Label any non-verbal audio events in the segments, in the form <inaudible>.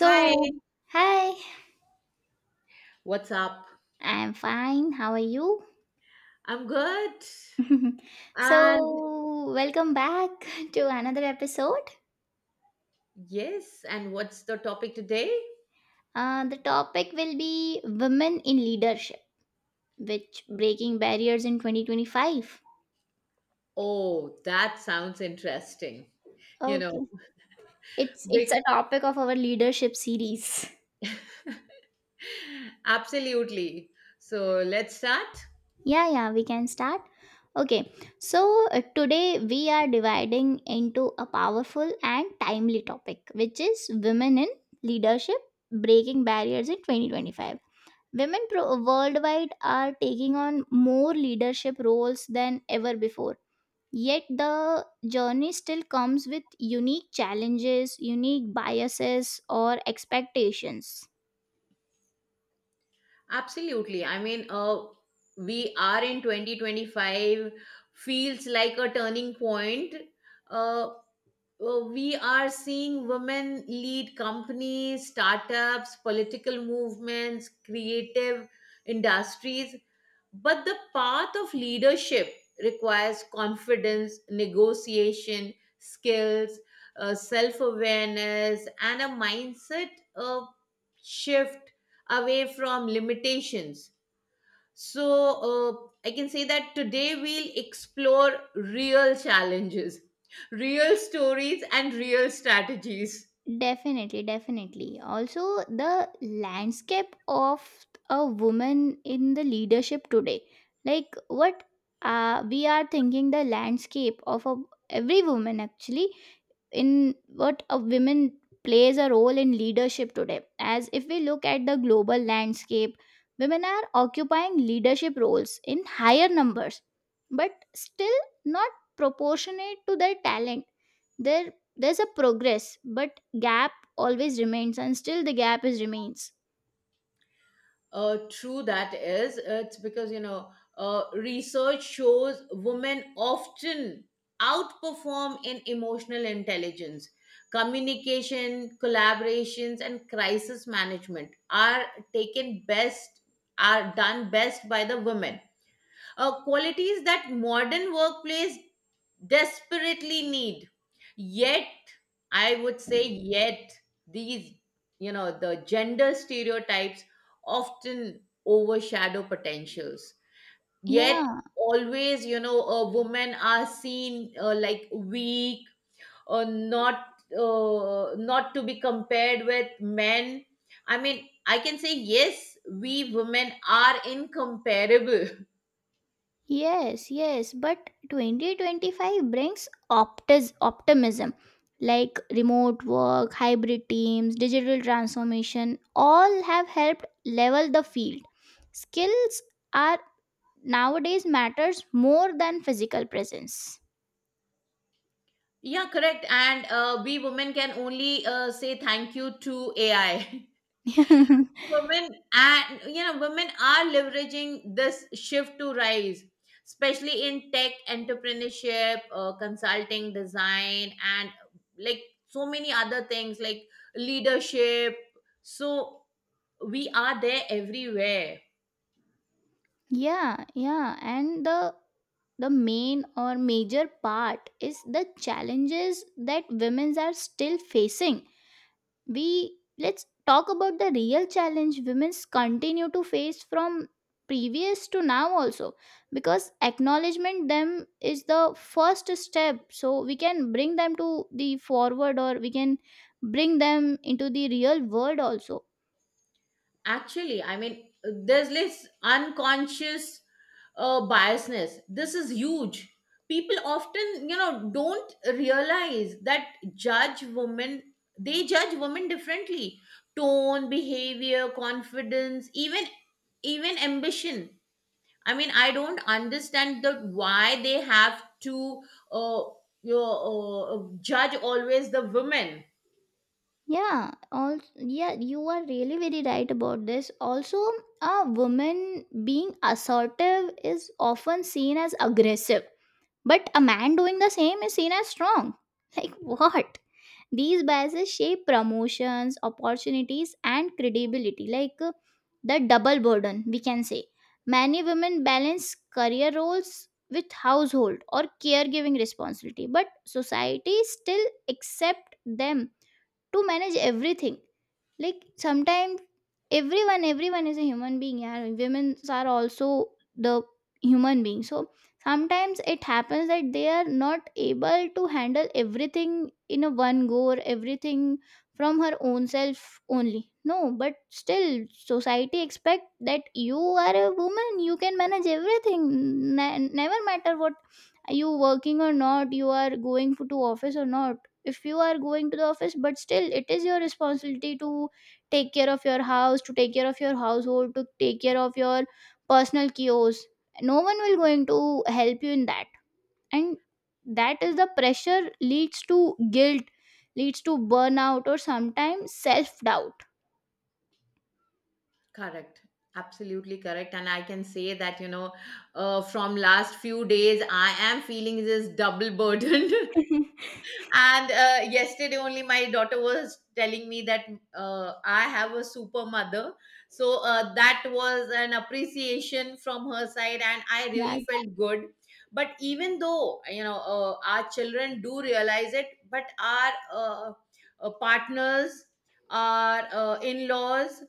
Hi, hi, what's up? I'm fine. How are you? I'm good. <laughs> And So, welcome back <laughs> to another episode. yes, and what's the topic today? The topic will be women in leadership, which breaking barriers in 2025. Oh, that sounds interesting. You know, Okay. It's big. it's a topic of our leadership series. <laughs> <laughs> Absolutely. So let's start. Yeah, yeah, we can start. Okay. So, today we are dividing into a powerful and timely topic, which is women in leadership breaking barriers in 2025. Women worldwide are taking on more leadership roles than ever before. Yet the journey still comes with unique challenges, unique biases, or expectations. Absolutely. I mean, we are in 2025, feels like a turning point. Uh, we are seeing women lead companies, startups, political movements, creative industries. But the path of leadership requires confidence, negotiation, skills, self awareness, and a mindset uh, shift away from limitations. So, I can say that today we'll explore real challenges, real stories, and real strategies. Definitely, definitely. Also, the landscape of a woman in the leadership today, like what we are thinking, the landscape of a, every woman actually, in what a woman plays a role in leadership today. As if we look at the global landscape, women are occupying leadership roles in higher numbers, but still not proportionate to their talent, their there's a progress but gap always remains, and still the gap is remains. True, that is. It's because, you know, research shows women often outperform in emotional intelligence. Communication, collaborations, and crisis management are taken best, are done best by the women, qualities that modern workplace desperately need. Yet, I would say, yet these, you know, the gender stereotypes often overshadow potentials. Yet, Yeah. always, you know, women are seen, like weak or not, not to be compared with men. I mean, I can say, yes, we women are incomparable. Yes, yes. But 2025 brings optimism. Like remote work, hybrid teams, digital transformation, all have helped level the field. Skills are nowadays matters more than physical presence. Yeah, correct. And we women can only say thank you to AI. <laughs> <laughs> Women, and you know women are leveraging this shift to rise, especially in tech, entrepreneurship, consulting, design, and like so many other things like leadership. So we are there everywhere. Yeah, yeah, and the main or major part is the challenges that women are still facing. We let's talk about the real challenge women's continue to face from previous to now also, because acknowledgement them is the first step, so we can bring them to the forward, or we can bring them into the real world also. Actually, I mean, there's this unconscious, biasness. This is huge. People often, you know, don't realize that, judge women, they judge women differently. Tone, behavior, confidence, even ambition. I mean, I don't understand the why they have to, uh, you know, judge always the women. Yeah, all yeah, you are really very right about this. Also, a woman being assertive is often seen as aggressive, but a man doing the same is seen as strong. <laughs> Like what? These biases shape promotions, opportunities, and credibility. Like the double burden, we can say. Many women balance career roles with household or caregiving responsibility, but society still accept them to manage everything, like sometimes everyone is a human being, yeah, women are also the human being. So sometimes it happens that they are not able to handle everything in a one go, or everything from her own self only. No, but still society expect that you are a woman, you can manage everything, never matter what. You working or not, you are going for to office or not. If you are going to the office, but still it is your responsibility to take care of your house, to take care of your household, to take care of your personal kiosks. No one will going to help you in that. And that is the pressure leads to guilt, leads to burnout, or sometimes self doubt. Correct. Absolutely correct. And I can say that, you know, from last few days, I am feeling this double burden. <laughs> And yesterday only my daughter was telling me that I have a super mother. So that was an appreciation from her side. And I really felt good. But even though, you know, our children do realize it, but our partners, our in-laws,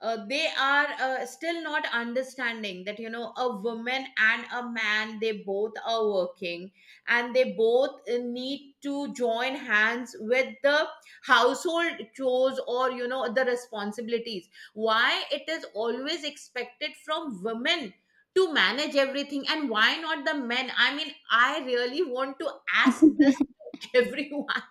they are still not understanding that, you know, a woman and a man, they both are working, and they both need to join hands with the household chores or, you know, the responsibilities. Why it is always expected from women to manage everything and why not the men? I mean, I really want to ask this Yeah. <laughs> to <laughs> everyone.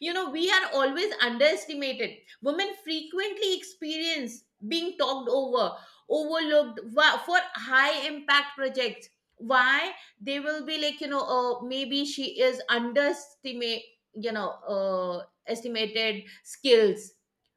You know, we are always underestimated. Women frequently experience being talked over, overlooked for high impact projects. Why? They will be like, you know, maybe she is you know, estimated skills.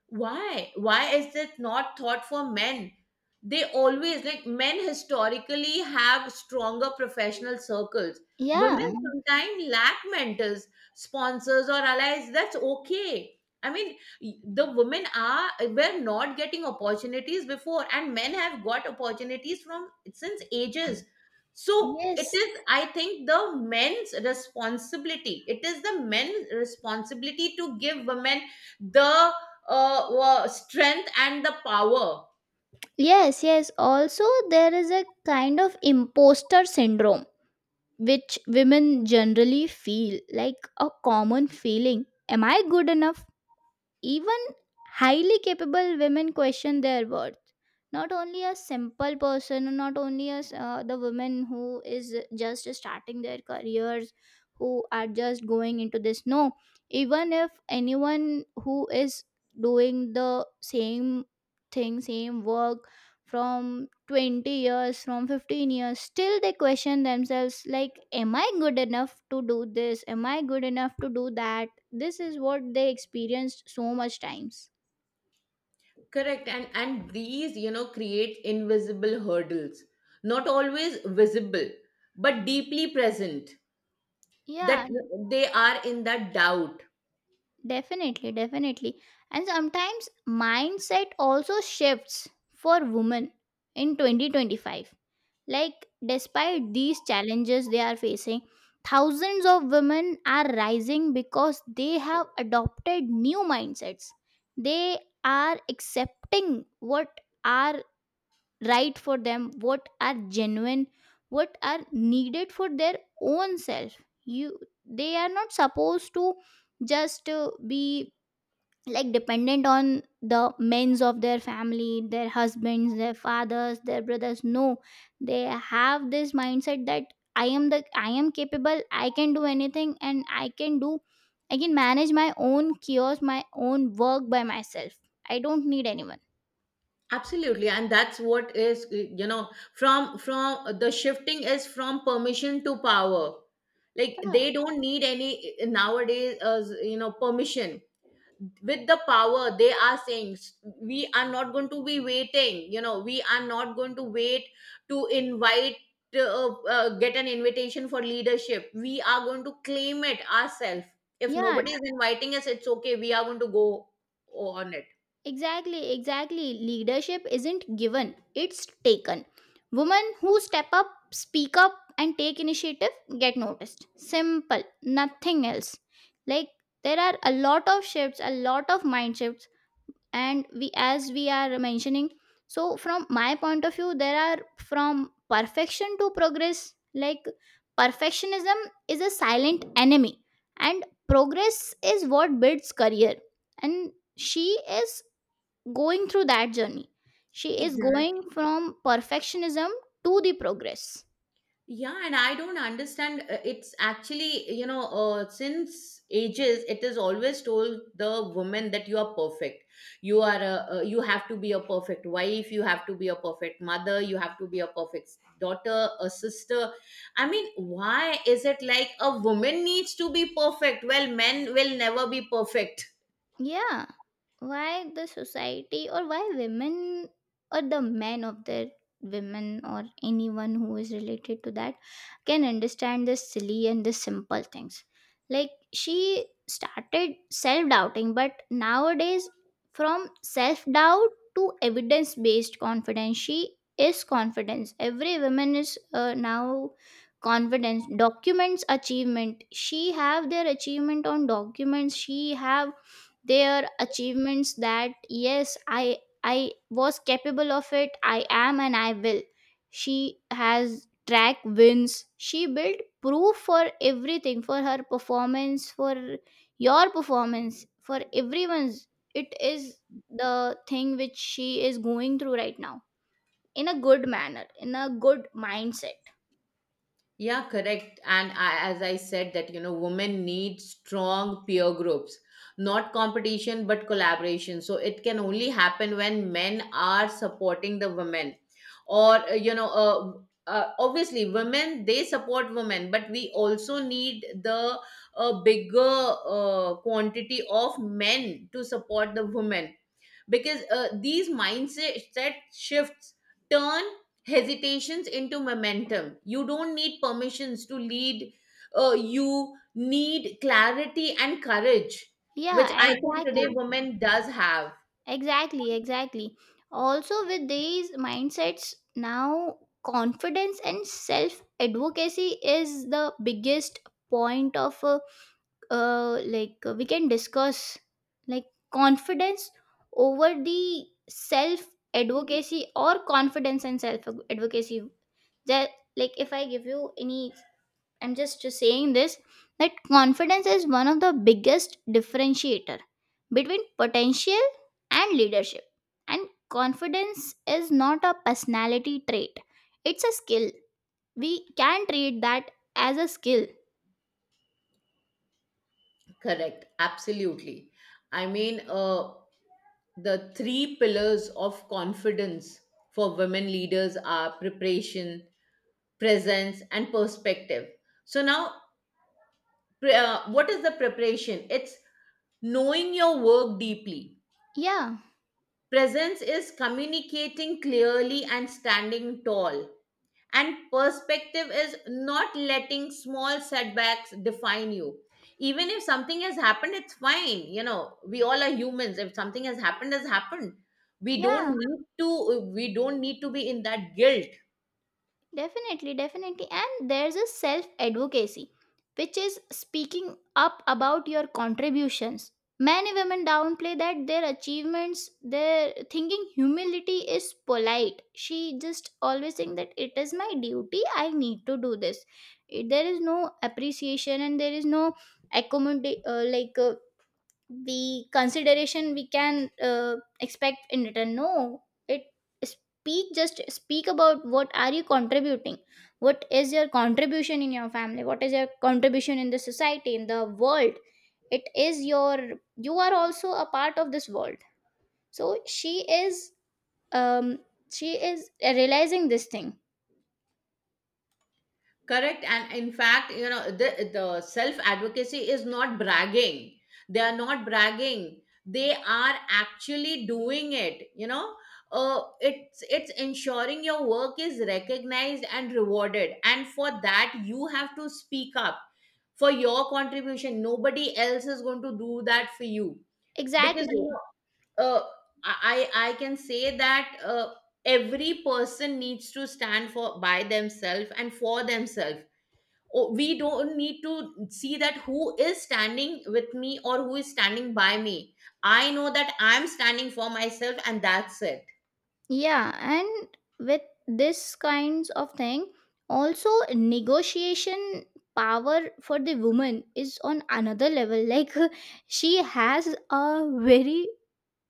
Why? Why is it not thought for men? They always, like, men historically have stronger professional circles. Women Yeah. sometimes lack mentors, sponsors, or allies. That's okay. I mean, the women are were not getting opportunities before, and men have got opportunities from since ages. So it Yes, is, I think, the men's responsibility. It is the men's responsibility to give women the strength and the power. yes, yes. Also, there is a kind of imposter syndrome which women generally feel, like a common feeling. Am I good enough? Even highly capable women question their worth, not only a simple person, not only as the women who is just starting their careers, who are just going into this. No, even if anyone who is doing the same thing, same work from 20 years, from 15 years, still they question themselves like, am I good enough to do this, am I good enough to do that? This is what they experienced so much times. Correct. And these, you know, create invisible hurdles, not always visible but deeply present, that Yeah. they are in that doubt. Definitely, definitely. And sometimes mindset also shifts for women in 2025. Like, despite these challenges they are facing, thousands of women are rising because they have adopted new mindsets. They are accepting what are right for them, what are genuine, what are needed for their own self. You They are not supposed to just be like dependent on the men's of their family, their husbands, their fathers, their brothers. No, they have this mindset that I am capable. I can do anything, and I can manage my own chaos, my own work by myself. I don't need anyone. Absolutely. And that's what is, you know, from the shifting is from permission to power. Like, Yeah. they don't need any nowadays, you know, permission. With the power, they are saying, we are not going to be waiting. You know, we are not going to wait to invite get an invitation for leadership. We are going to claim it ourselves. If Yeah. nobody is inviting us, it's okay. We are going to go on it. Exactly, exactly. Leadership isn't given, it's taken. Women who step up, speak up, and take initiative get noticed. Simple, nothing else. Like, there are a lot of shifts, a lot of mind shifts, and we, as we are mentioning, so from my point of view, there are from perfection to progress. Like, perfectionism is a silent enemy, and progress is what builds career. And she is going through that journey, she is Exactly. going from perfectionism to the progress. Yeah, and I don't understand. It's actually, you know, since ages, it is always told the woman that you are perfect. You are you have to be a perfect wife. You have to be a perfect mother. You have to be a perfect daughter, a sister. I mean, why is it like a woman needs to be perfect? Well, men will never be perfect. Yeah. Why the society, or why women, or the men of their women, or anyone who is related to that, can understand the silly and the simple things. Like, she started self doubting, but nowadays from self doubt to evidence based confidence, she is confidence. Every woman is now confidence. Documents achievement, she have their achievement on documents, she have their achievements. That yes, I was capable of it, I am, and I will. She has track wins, she built proof for everything, for her performance, for your performance, for everyone's. It is the thing which she is going through right now, in a good manner, in a good mindset. Yeah, correct. And I, as I said, that you know, women need strong peer groups, not competition but collaboration. So it can only happen when men are supporting the women, or you know, obviously women they support women, but we also need the bigger quantity of men to support the women. Because these mindset shifts turn hesitations into momentum. You don't need permissions to lead. You need clarity and courage, which I Yeah, think today exactly. women does have. Exactly, exactly. Also, with these mindsets, now confidence and self advocacy is the biggest point of like we can discuss. Like confidence over the self advocacy, or confidence and self advocacy, that, like if I give you any, I'm just saying this, that confidence is one of the biggest differentiator between potential and leadership. And confidence is not a personality trait, it's a skill. We can treat that as a skill. Correct, absolutely. I mean, the three pillars of confidence for women leaders are preparation, presence, and perspective. So now, what is the preparation? It's knowing your work deeply. Yeah. Presence is communicating clearly and standing tall. And perspective is not letting small setbacks define you. Even if something has happened, it's fine. You know, we all are humans. If something has happened, has happened. We don't Yeah. need to we don't need to be in that guilt. Definitely, definitely. And there's a self advocacy, which is speaking up about your contributions. Many women downplay that their achievements, their thinking humility is polite. She just always think that it is my duty, I need to do this. There is no appreciation, and there is no accommodate, like the consideration we can expect in return. No, it, speak, just speak about what are you contributing, what is your contribution in your family, what is your contribution in the society, in the world. It is your, you are also a part of this world, so um she is realizing this thing. Correct. And in fact, you know, the self advocacy is not bragging. They are not bragging. They are actually doing it. You know, it's ensuring your work is recognized and rewarded. And for that, you have to speak up for your contribution. Nobody else is going to do that for you, because Exactly. you know, I can say that every person needs to stand for by themselves and for themselves. Oh, we don't need to see that who is standing with me or who is standing by me. I know that I'm standing for myself, and that's it. Yeah, and with this kinds of thing, also negotiation power for the woman is on another level. Like, <laughs> she has a very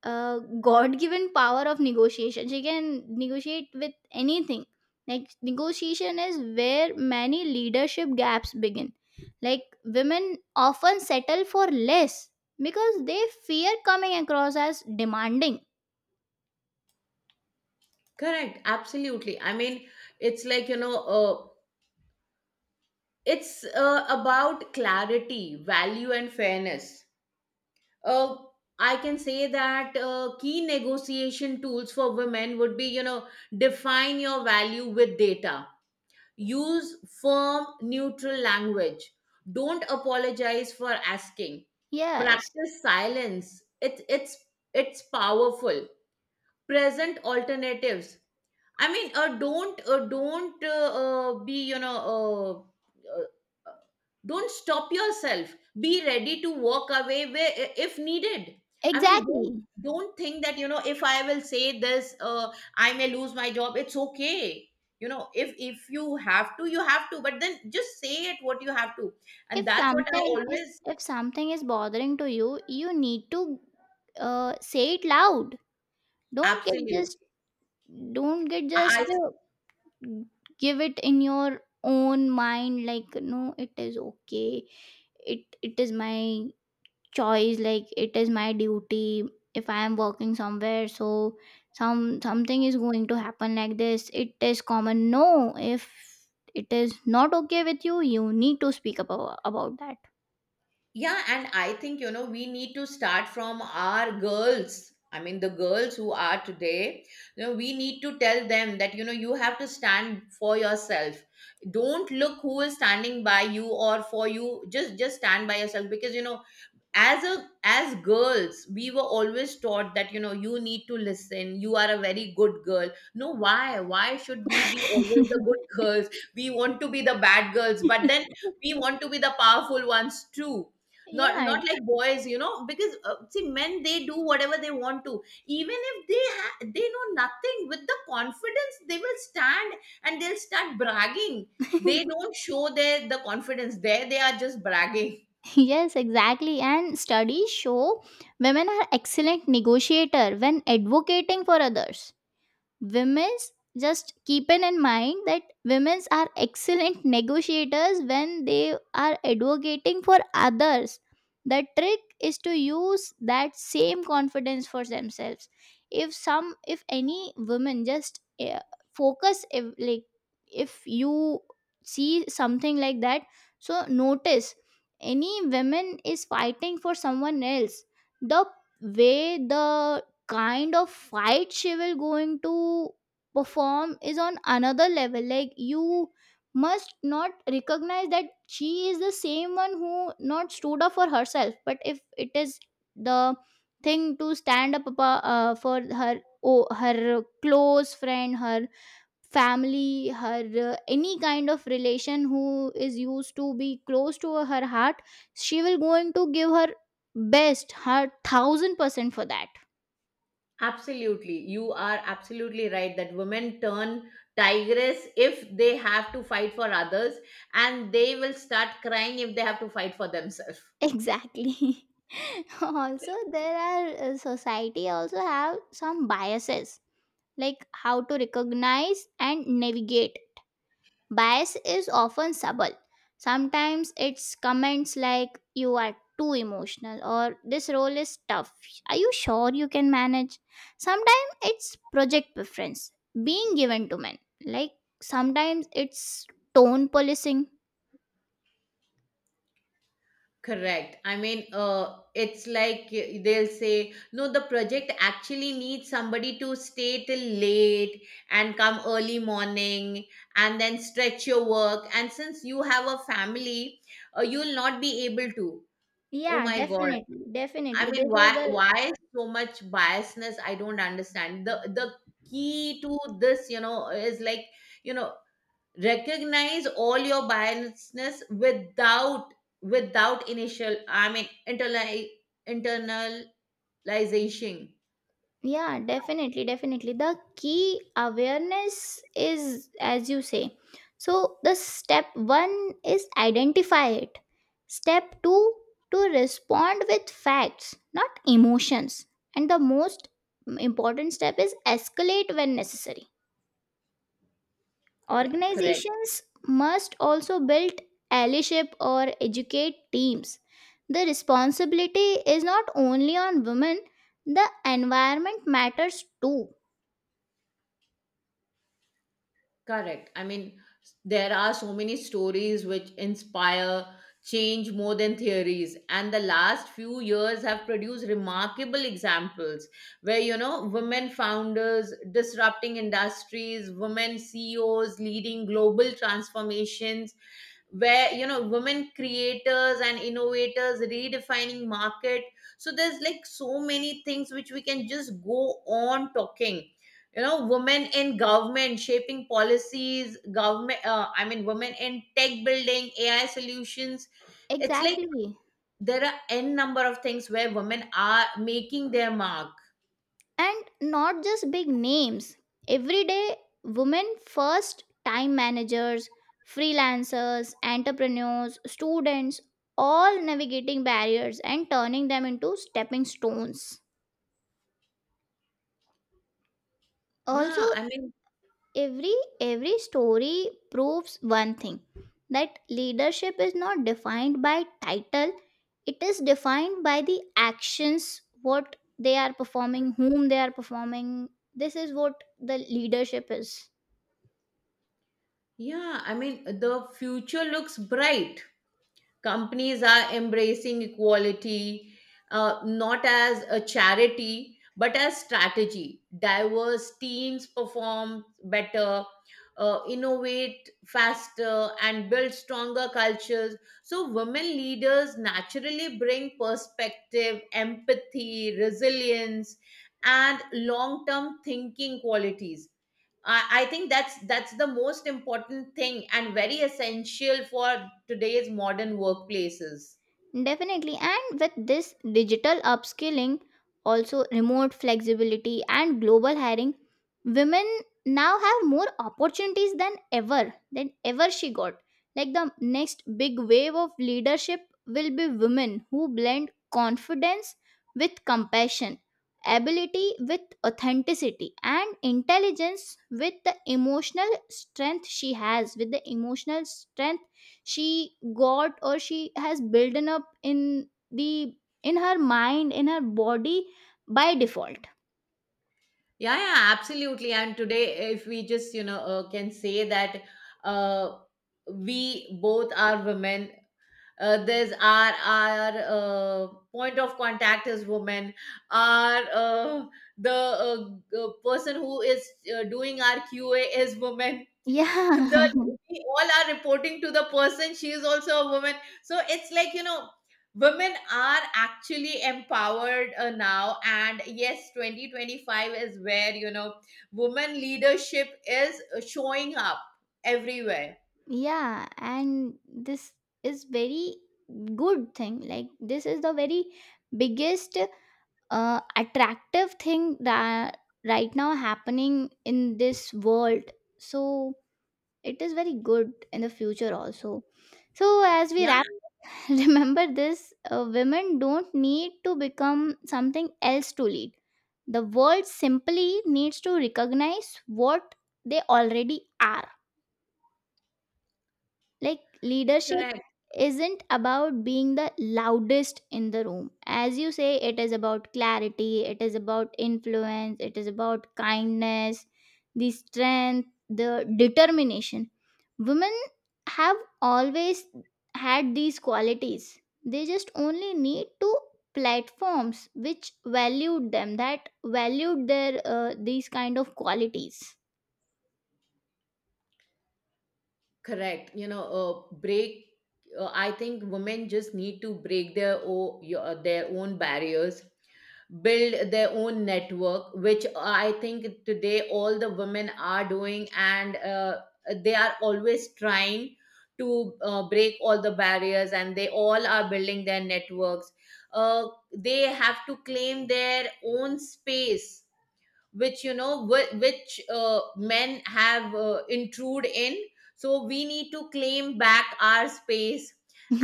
God-given power of negotiation. She can negotiate with anything. Like negotiation is where many leadership gaps begin. Like women often settle for less because they fear coming across as demanding. Correct, absolutely. I mean, it's like, you know, it's about clarity, value, and fairness. uh, I can say that key negotiation tools for women would be, you know, define your value with data. Use firm, neutral language. Don't apologize for asking. Yes, Practice silence. It's powerful. Present alternatives. I mean, don't be uh, uh, don't stop yourself. Be ready to walk away, where, if needed. I mean, don't exactly. don't think that, you know, if I will say this, I may lose my job, it's okay. You know, if you have to, you have to, but then just say it what you have to. And If that's what I something is, always. if something is bothering to you, you need to say it loud. Don't get Absolutely. just, don't get just, I. Give it in your own mind. Like, no, it is okay, it is my choice, like it is my duty. If I am working somewhere, so something is going to happen like this, it is common. No, if it is not okay with you, you need to speak about Yeah, and I think, you know, we need to start from our girls. I mean, the girls who are today, you know, we need to tell them that, you know, you have to stand for yourself. Don't look who is standing by you or for you. Just stand by yourself because, you know, as girls we were always taught that, you know, you need to listen, you are a very good girl. No, why should we be always the good girls? We want to be the bad girls, but that. then <laughs> we want to be the powerful ones too. not Yeah. not like boys, you know, because see, men they do whatever they want to. Even if they they know nothing, with the confidence they will stand and they'll start bragging. They <laughs> don't show the confidence, there they are just bragging. Yes, exactly. And studies show women are excellent negotiator when advocating for others. Women's, just keeping in mind that women's are excellent negotiators when they are advocating for others, the trick is to use that same confidence for themselves. If some, if any woman just focus if, like, if you see something like that, so notice any woman is fighting for someone else, the way the kind of fight she will going to perform is on another level. Like, you must not recognize that she is the same one who not stood up for herself, but if it is the thing to stand up for her, oh, her close friend, her family, her any kind of relation who is used to be close to her heart, she will going to give her best, her 1,000% for that. Absolutely. You are absolutely right that women turn tigress if they have to fight for others and they will start crying if they have to fight for themselves. Exactly. <laughs> Also, there are society also have some biases, like how to recognize and navigate. Bias is often subtle. Sometimes it's comments like, you are too emotional, or this role is tough. Are you sure you can manage? Sometimes it's project preference being given to men. Like sometimes it's tone policing. Correct. I mean, it's like, they'll say, no, the project actually needs somebody to stay till late and come early morning and then stretch your work. And since you have a family, you'll not be able to. Oh Yeah, my God. definitely. I Definitely. mean, This is why the why so much biasness? I don't understand. The key to this, you know, is like, you know, recognize all your biasness without I mean, internalization. Yeah, definitely, definitely. The key awareness is, as you say. So, the step one is identify it. Step two, to respond with facts, not emotions. And the most important step is escalate when necessary. Yeah, correct. Organizations must also build allyship, or educate teams. The responsibility is not only on women, the environment matters too. Correct. I mean, there are so many stories which inspire change more than theories. And the last few years have produced remarkable examples where, you know, women founders disrupting industries, women CEOs leading global transformations, where you know women creators and innovators redefining market. So there's like so many things which we can just go on talking. You know, women in government shaping policies, government I mean, women in tech building AI solutions. It's like Exactly. there are n number of things where women are making their mark. And not just big names. Everyday women, first time managers, freelancers, entrepreneurs, students, all navigating barriers and turning them into stepping stones. Also, yeah i mean every every story proves one thing, that leadership is not defined by title. It is defined by the actions, what they are performing, whom they are performing. This is what the leadership is. yeah i mean the future looks bright. Companies are embracing equality, not as a charity but as strategy. Diverse teams perform better, innovate faster, and build stronger cultures. So, women leaders naturally bring perspective, empathy, resilience, and long term thinking qualities. I think that's the most important thing and very essential for today's modern workplaces. Definitely, and with this digital upskilling, also remote flexibility, and global hiring, women now have more opportunities than ever she got. Like the next big wave of leadership will be women who blend confidence with compassion, ability with authenticity, and intelligence with the emotional strength she has, with the emotional strength she got, or she has built up in the in her mind, in her body, by default. Yeah, yeah, absolutely. And today, if we just, you know, can say that, uh, we both are women. There's our point of contact is women. Our The person who is doing our QA is women. Yeah. The <laughs> We all are reporting to the person, she is also a woman. So it's like women are actually empowered now, and yes, 2025 is where women leadership is showing up everywhere. Yeah, and this is very good thing, like this is the very biggest attractive thing that right now happening in this world. So it is very good in the future also, so as we Yeah, wrap. <laughs> Remember this, women don't need to become something else to lead. The world simply needs to recognize what they already are. Like you're leadership correct. isn't about being the loudest in the room. As you say, it is about clarity, it is about influence, it is about kindness, the strength, the determination. Women have always had these qualities. They just only need to platforms which valued them, that valued their these kind of qualities. Correct. You know, break. I think women just need to break their own barriers, build their own network, which I think today all the women are doing, and they are always trying to break all the barriers, and they all are building their networks. Uh, they have to claim their own space which men have intrude in. So we need to claim back our space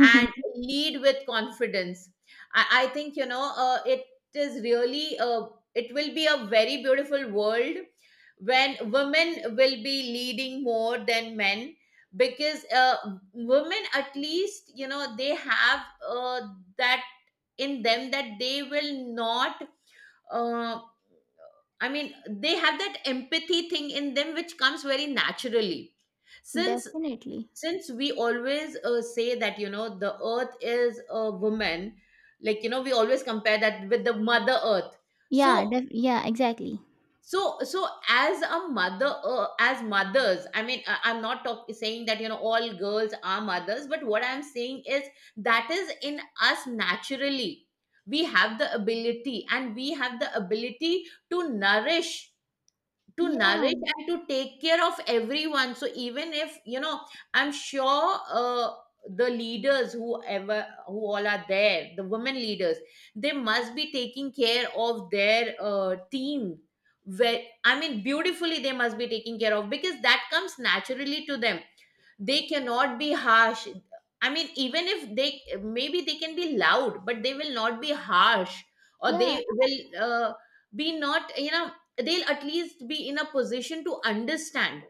and lead with confidence. I think it is really it will be a very beautiful world when women will be leading more than men. Because women at least, you know, they have that in them, that they will not uh, I mean, they have that empathy thing in them which comes very naturally. Since Definitely. since we always say that, you know, the earth is a woman, like, you know, we always compare that with the mother earth. Yeah, So yeah, exactly. so as a mother, as mothers, I mean, I'm not talk, saying that, you know, all girls are mothers, but what I'm saying is that is in us naturally. We have the ability, and we have the ability to nourish to Yeah, nourish and to take care of everyone. So even if you know, I'm sure the leaders, whoever, who all are there, the women leaders, they must be taking care of their team, where I mean beautifully they must be taking care of, because that comes naturally to them. They cannot be harsh. I mean, even if they, maybe they can be loud, but they will not be harsh, or yeah, they will uh, be not, you know, they'll at least be in a position to understand,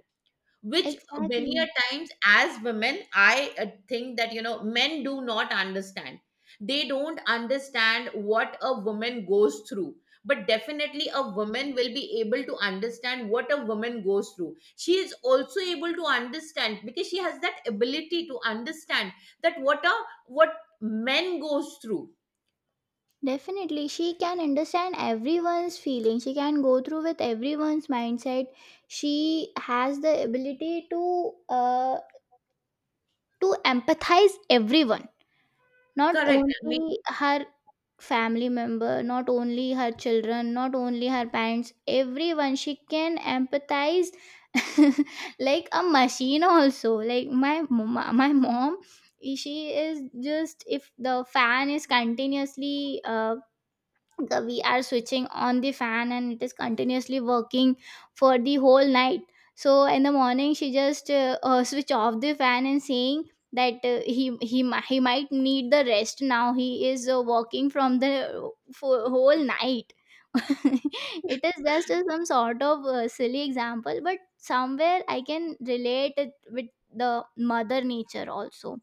which many a exactly. times as women, I think that, you know, men do not understand. They don't understand what a woman goes through. But definitely a woman will be able to understand what a woman goes through. She is also able to understand, because she has that ability to understand that what a what men goes through. Definitely, she can understand everyone's feeling. She can go through with everyone's mindset. She has the ability to empathize everyone. Not Correct. only her family member, not only her children, not only her parents, everyone she can empathize. <laughs> Like a machine also. Like my mom, she is just, if the fan is continuously the we are switching on the fan and it is continuously working for the whole night. So in the morning she just switch off the fan and saying that he might need the rest now, he is working from the for whole night. <laughs> It is just some sort of silly example, but somewhere I can relate it with the mother nature also.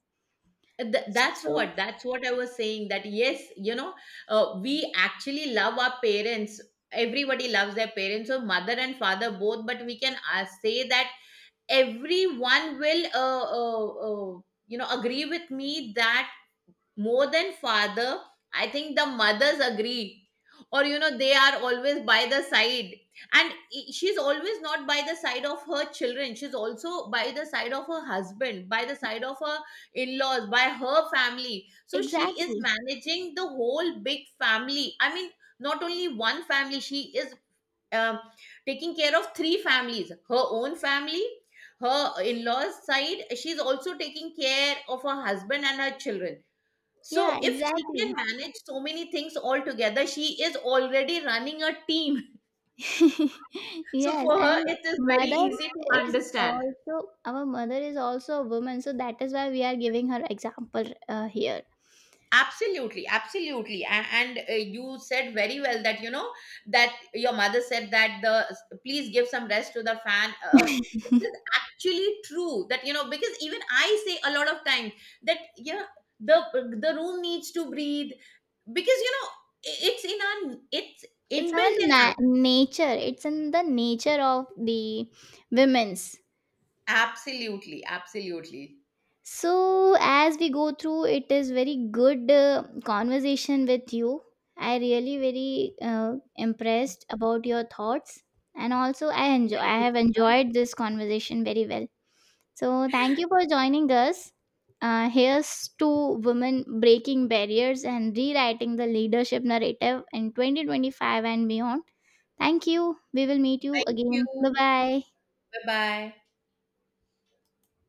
Th- that's So, what that's what I was saying, that yes, you know, we actually love our parents. Everybody loves their parents, so mother and father both. But we can say that everyone will you know, agree with me that more than father, I think the mothers agree, or you know, they are always by the side. And I- she's always not by the side of her children, she's also by the side of her husband, by the side of her in-laws, by her family. So she is exactly. managing the whole big family, I mean, not only one family. She is um, taking care of 3 families: her own family, her in-laws side, she's also taking care of her husband and her children. Yeah, So if she can exactly. manage so many things all together, she is already running a team. <laughs> <laughs> So Yes, for her, and it is very mother easy to is understand. also our mother is also a woman, so that is why we are giving her example here. Absolutely, absolutely. And you said very well that, you know, that your mother said that the please give some rest to the fan. It is <laughs> actually true that, you know, because even I say a lot of times that yeah, the the room needs to breathe, because you know, it's It's our inbuilt in. Nature, it's in the nature of the women's. Absolutely, absolutely. So as we go through, it is very good conversation with you. I really very impressed about your thoughts, and also Thank I you. have enjoyed this conversation very well. So, thank you for joining us. Here's to women breaking barriers and rewriting the leadership narrative in 2025 and beyond. Thank you. We will meet you Thank again. Bye you. bye. Bye bye.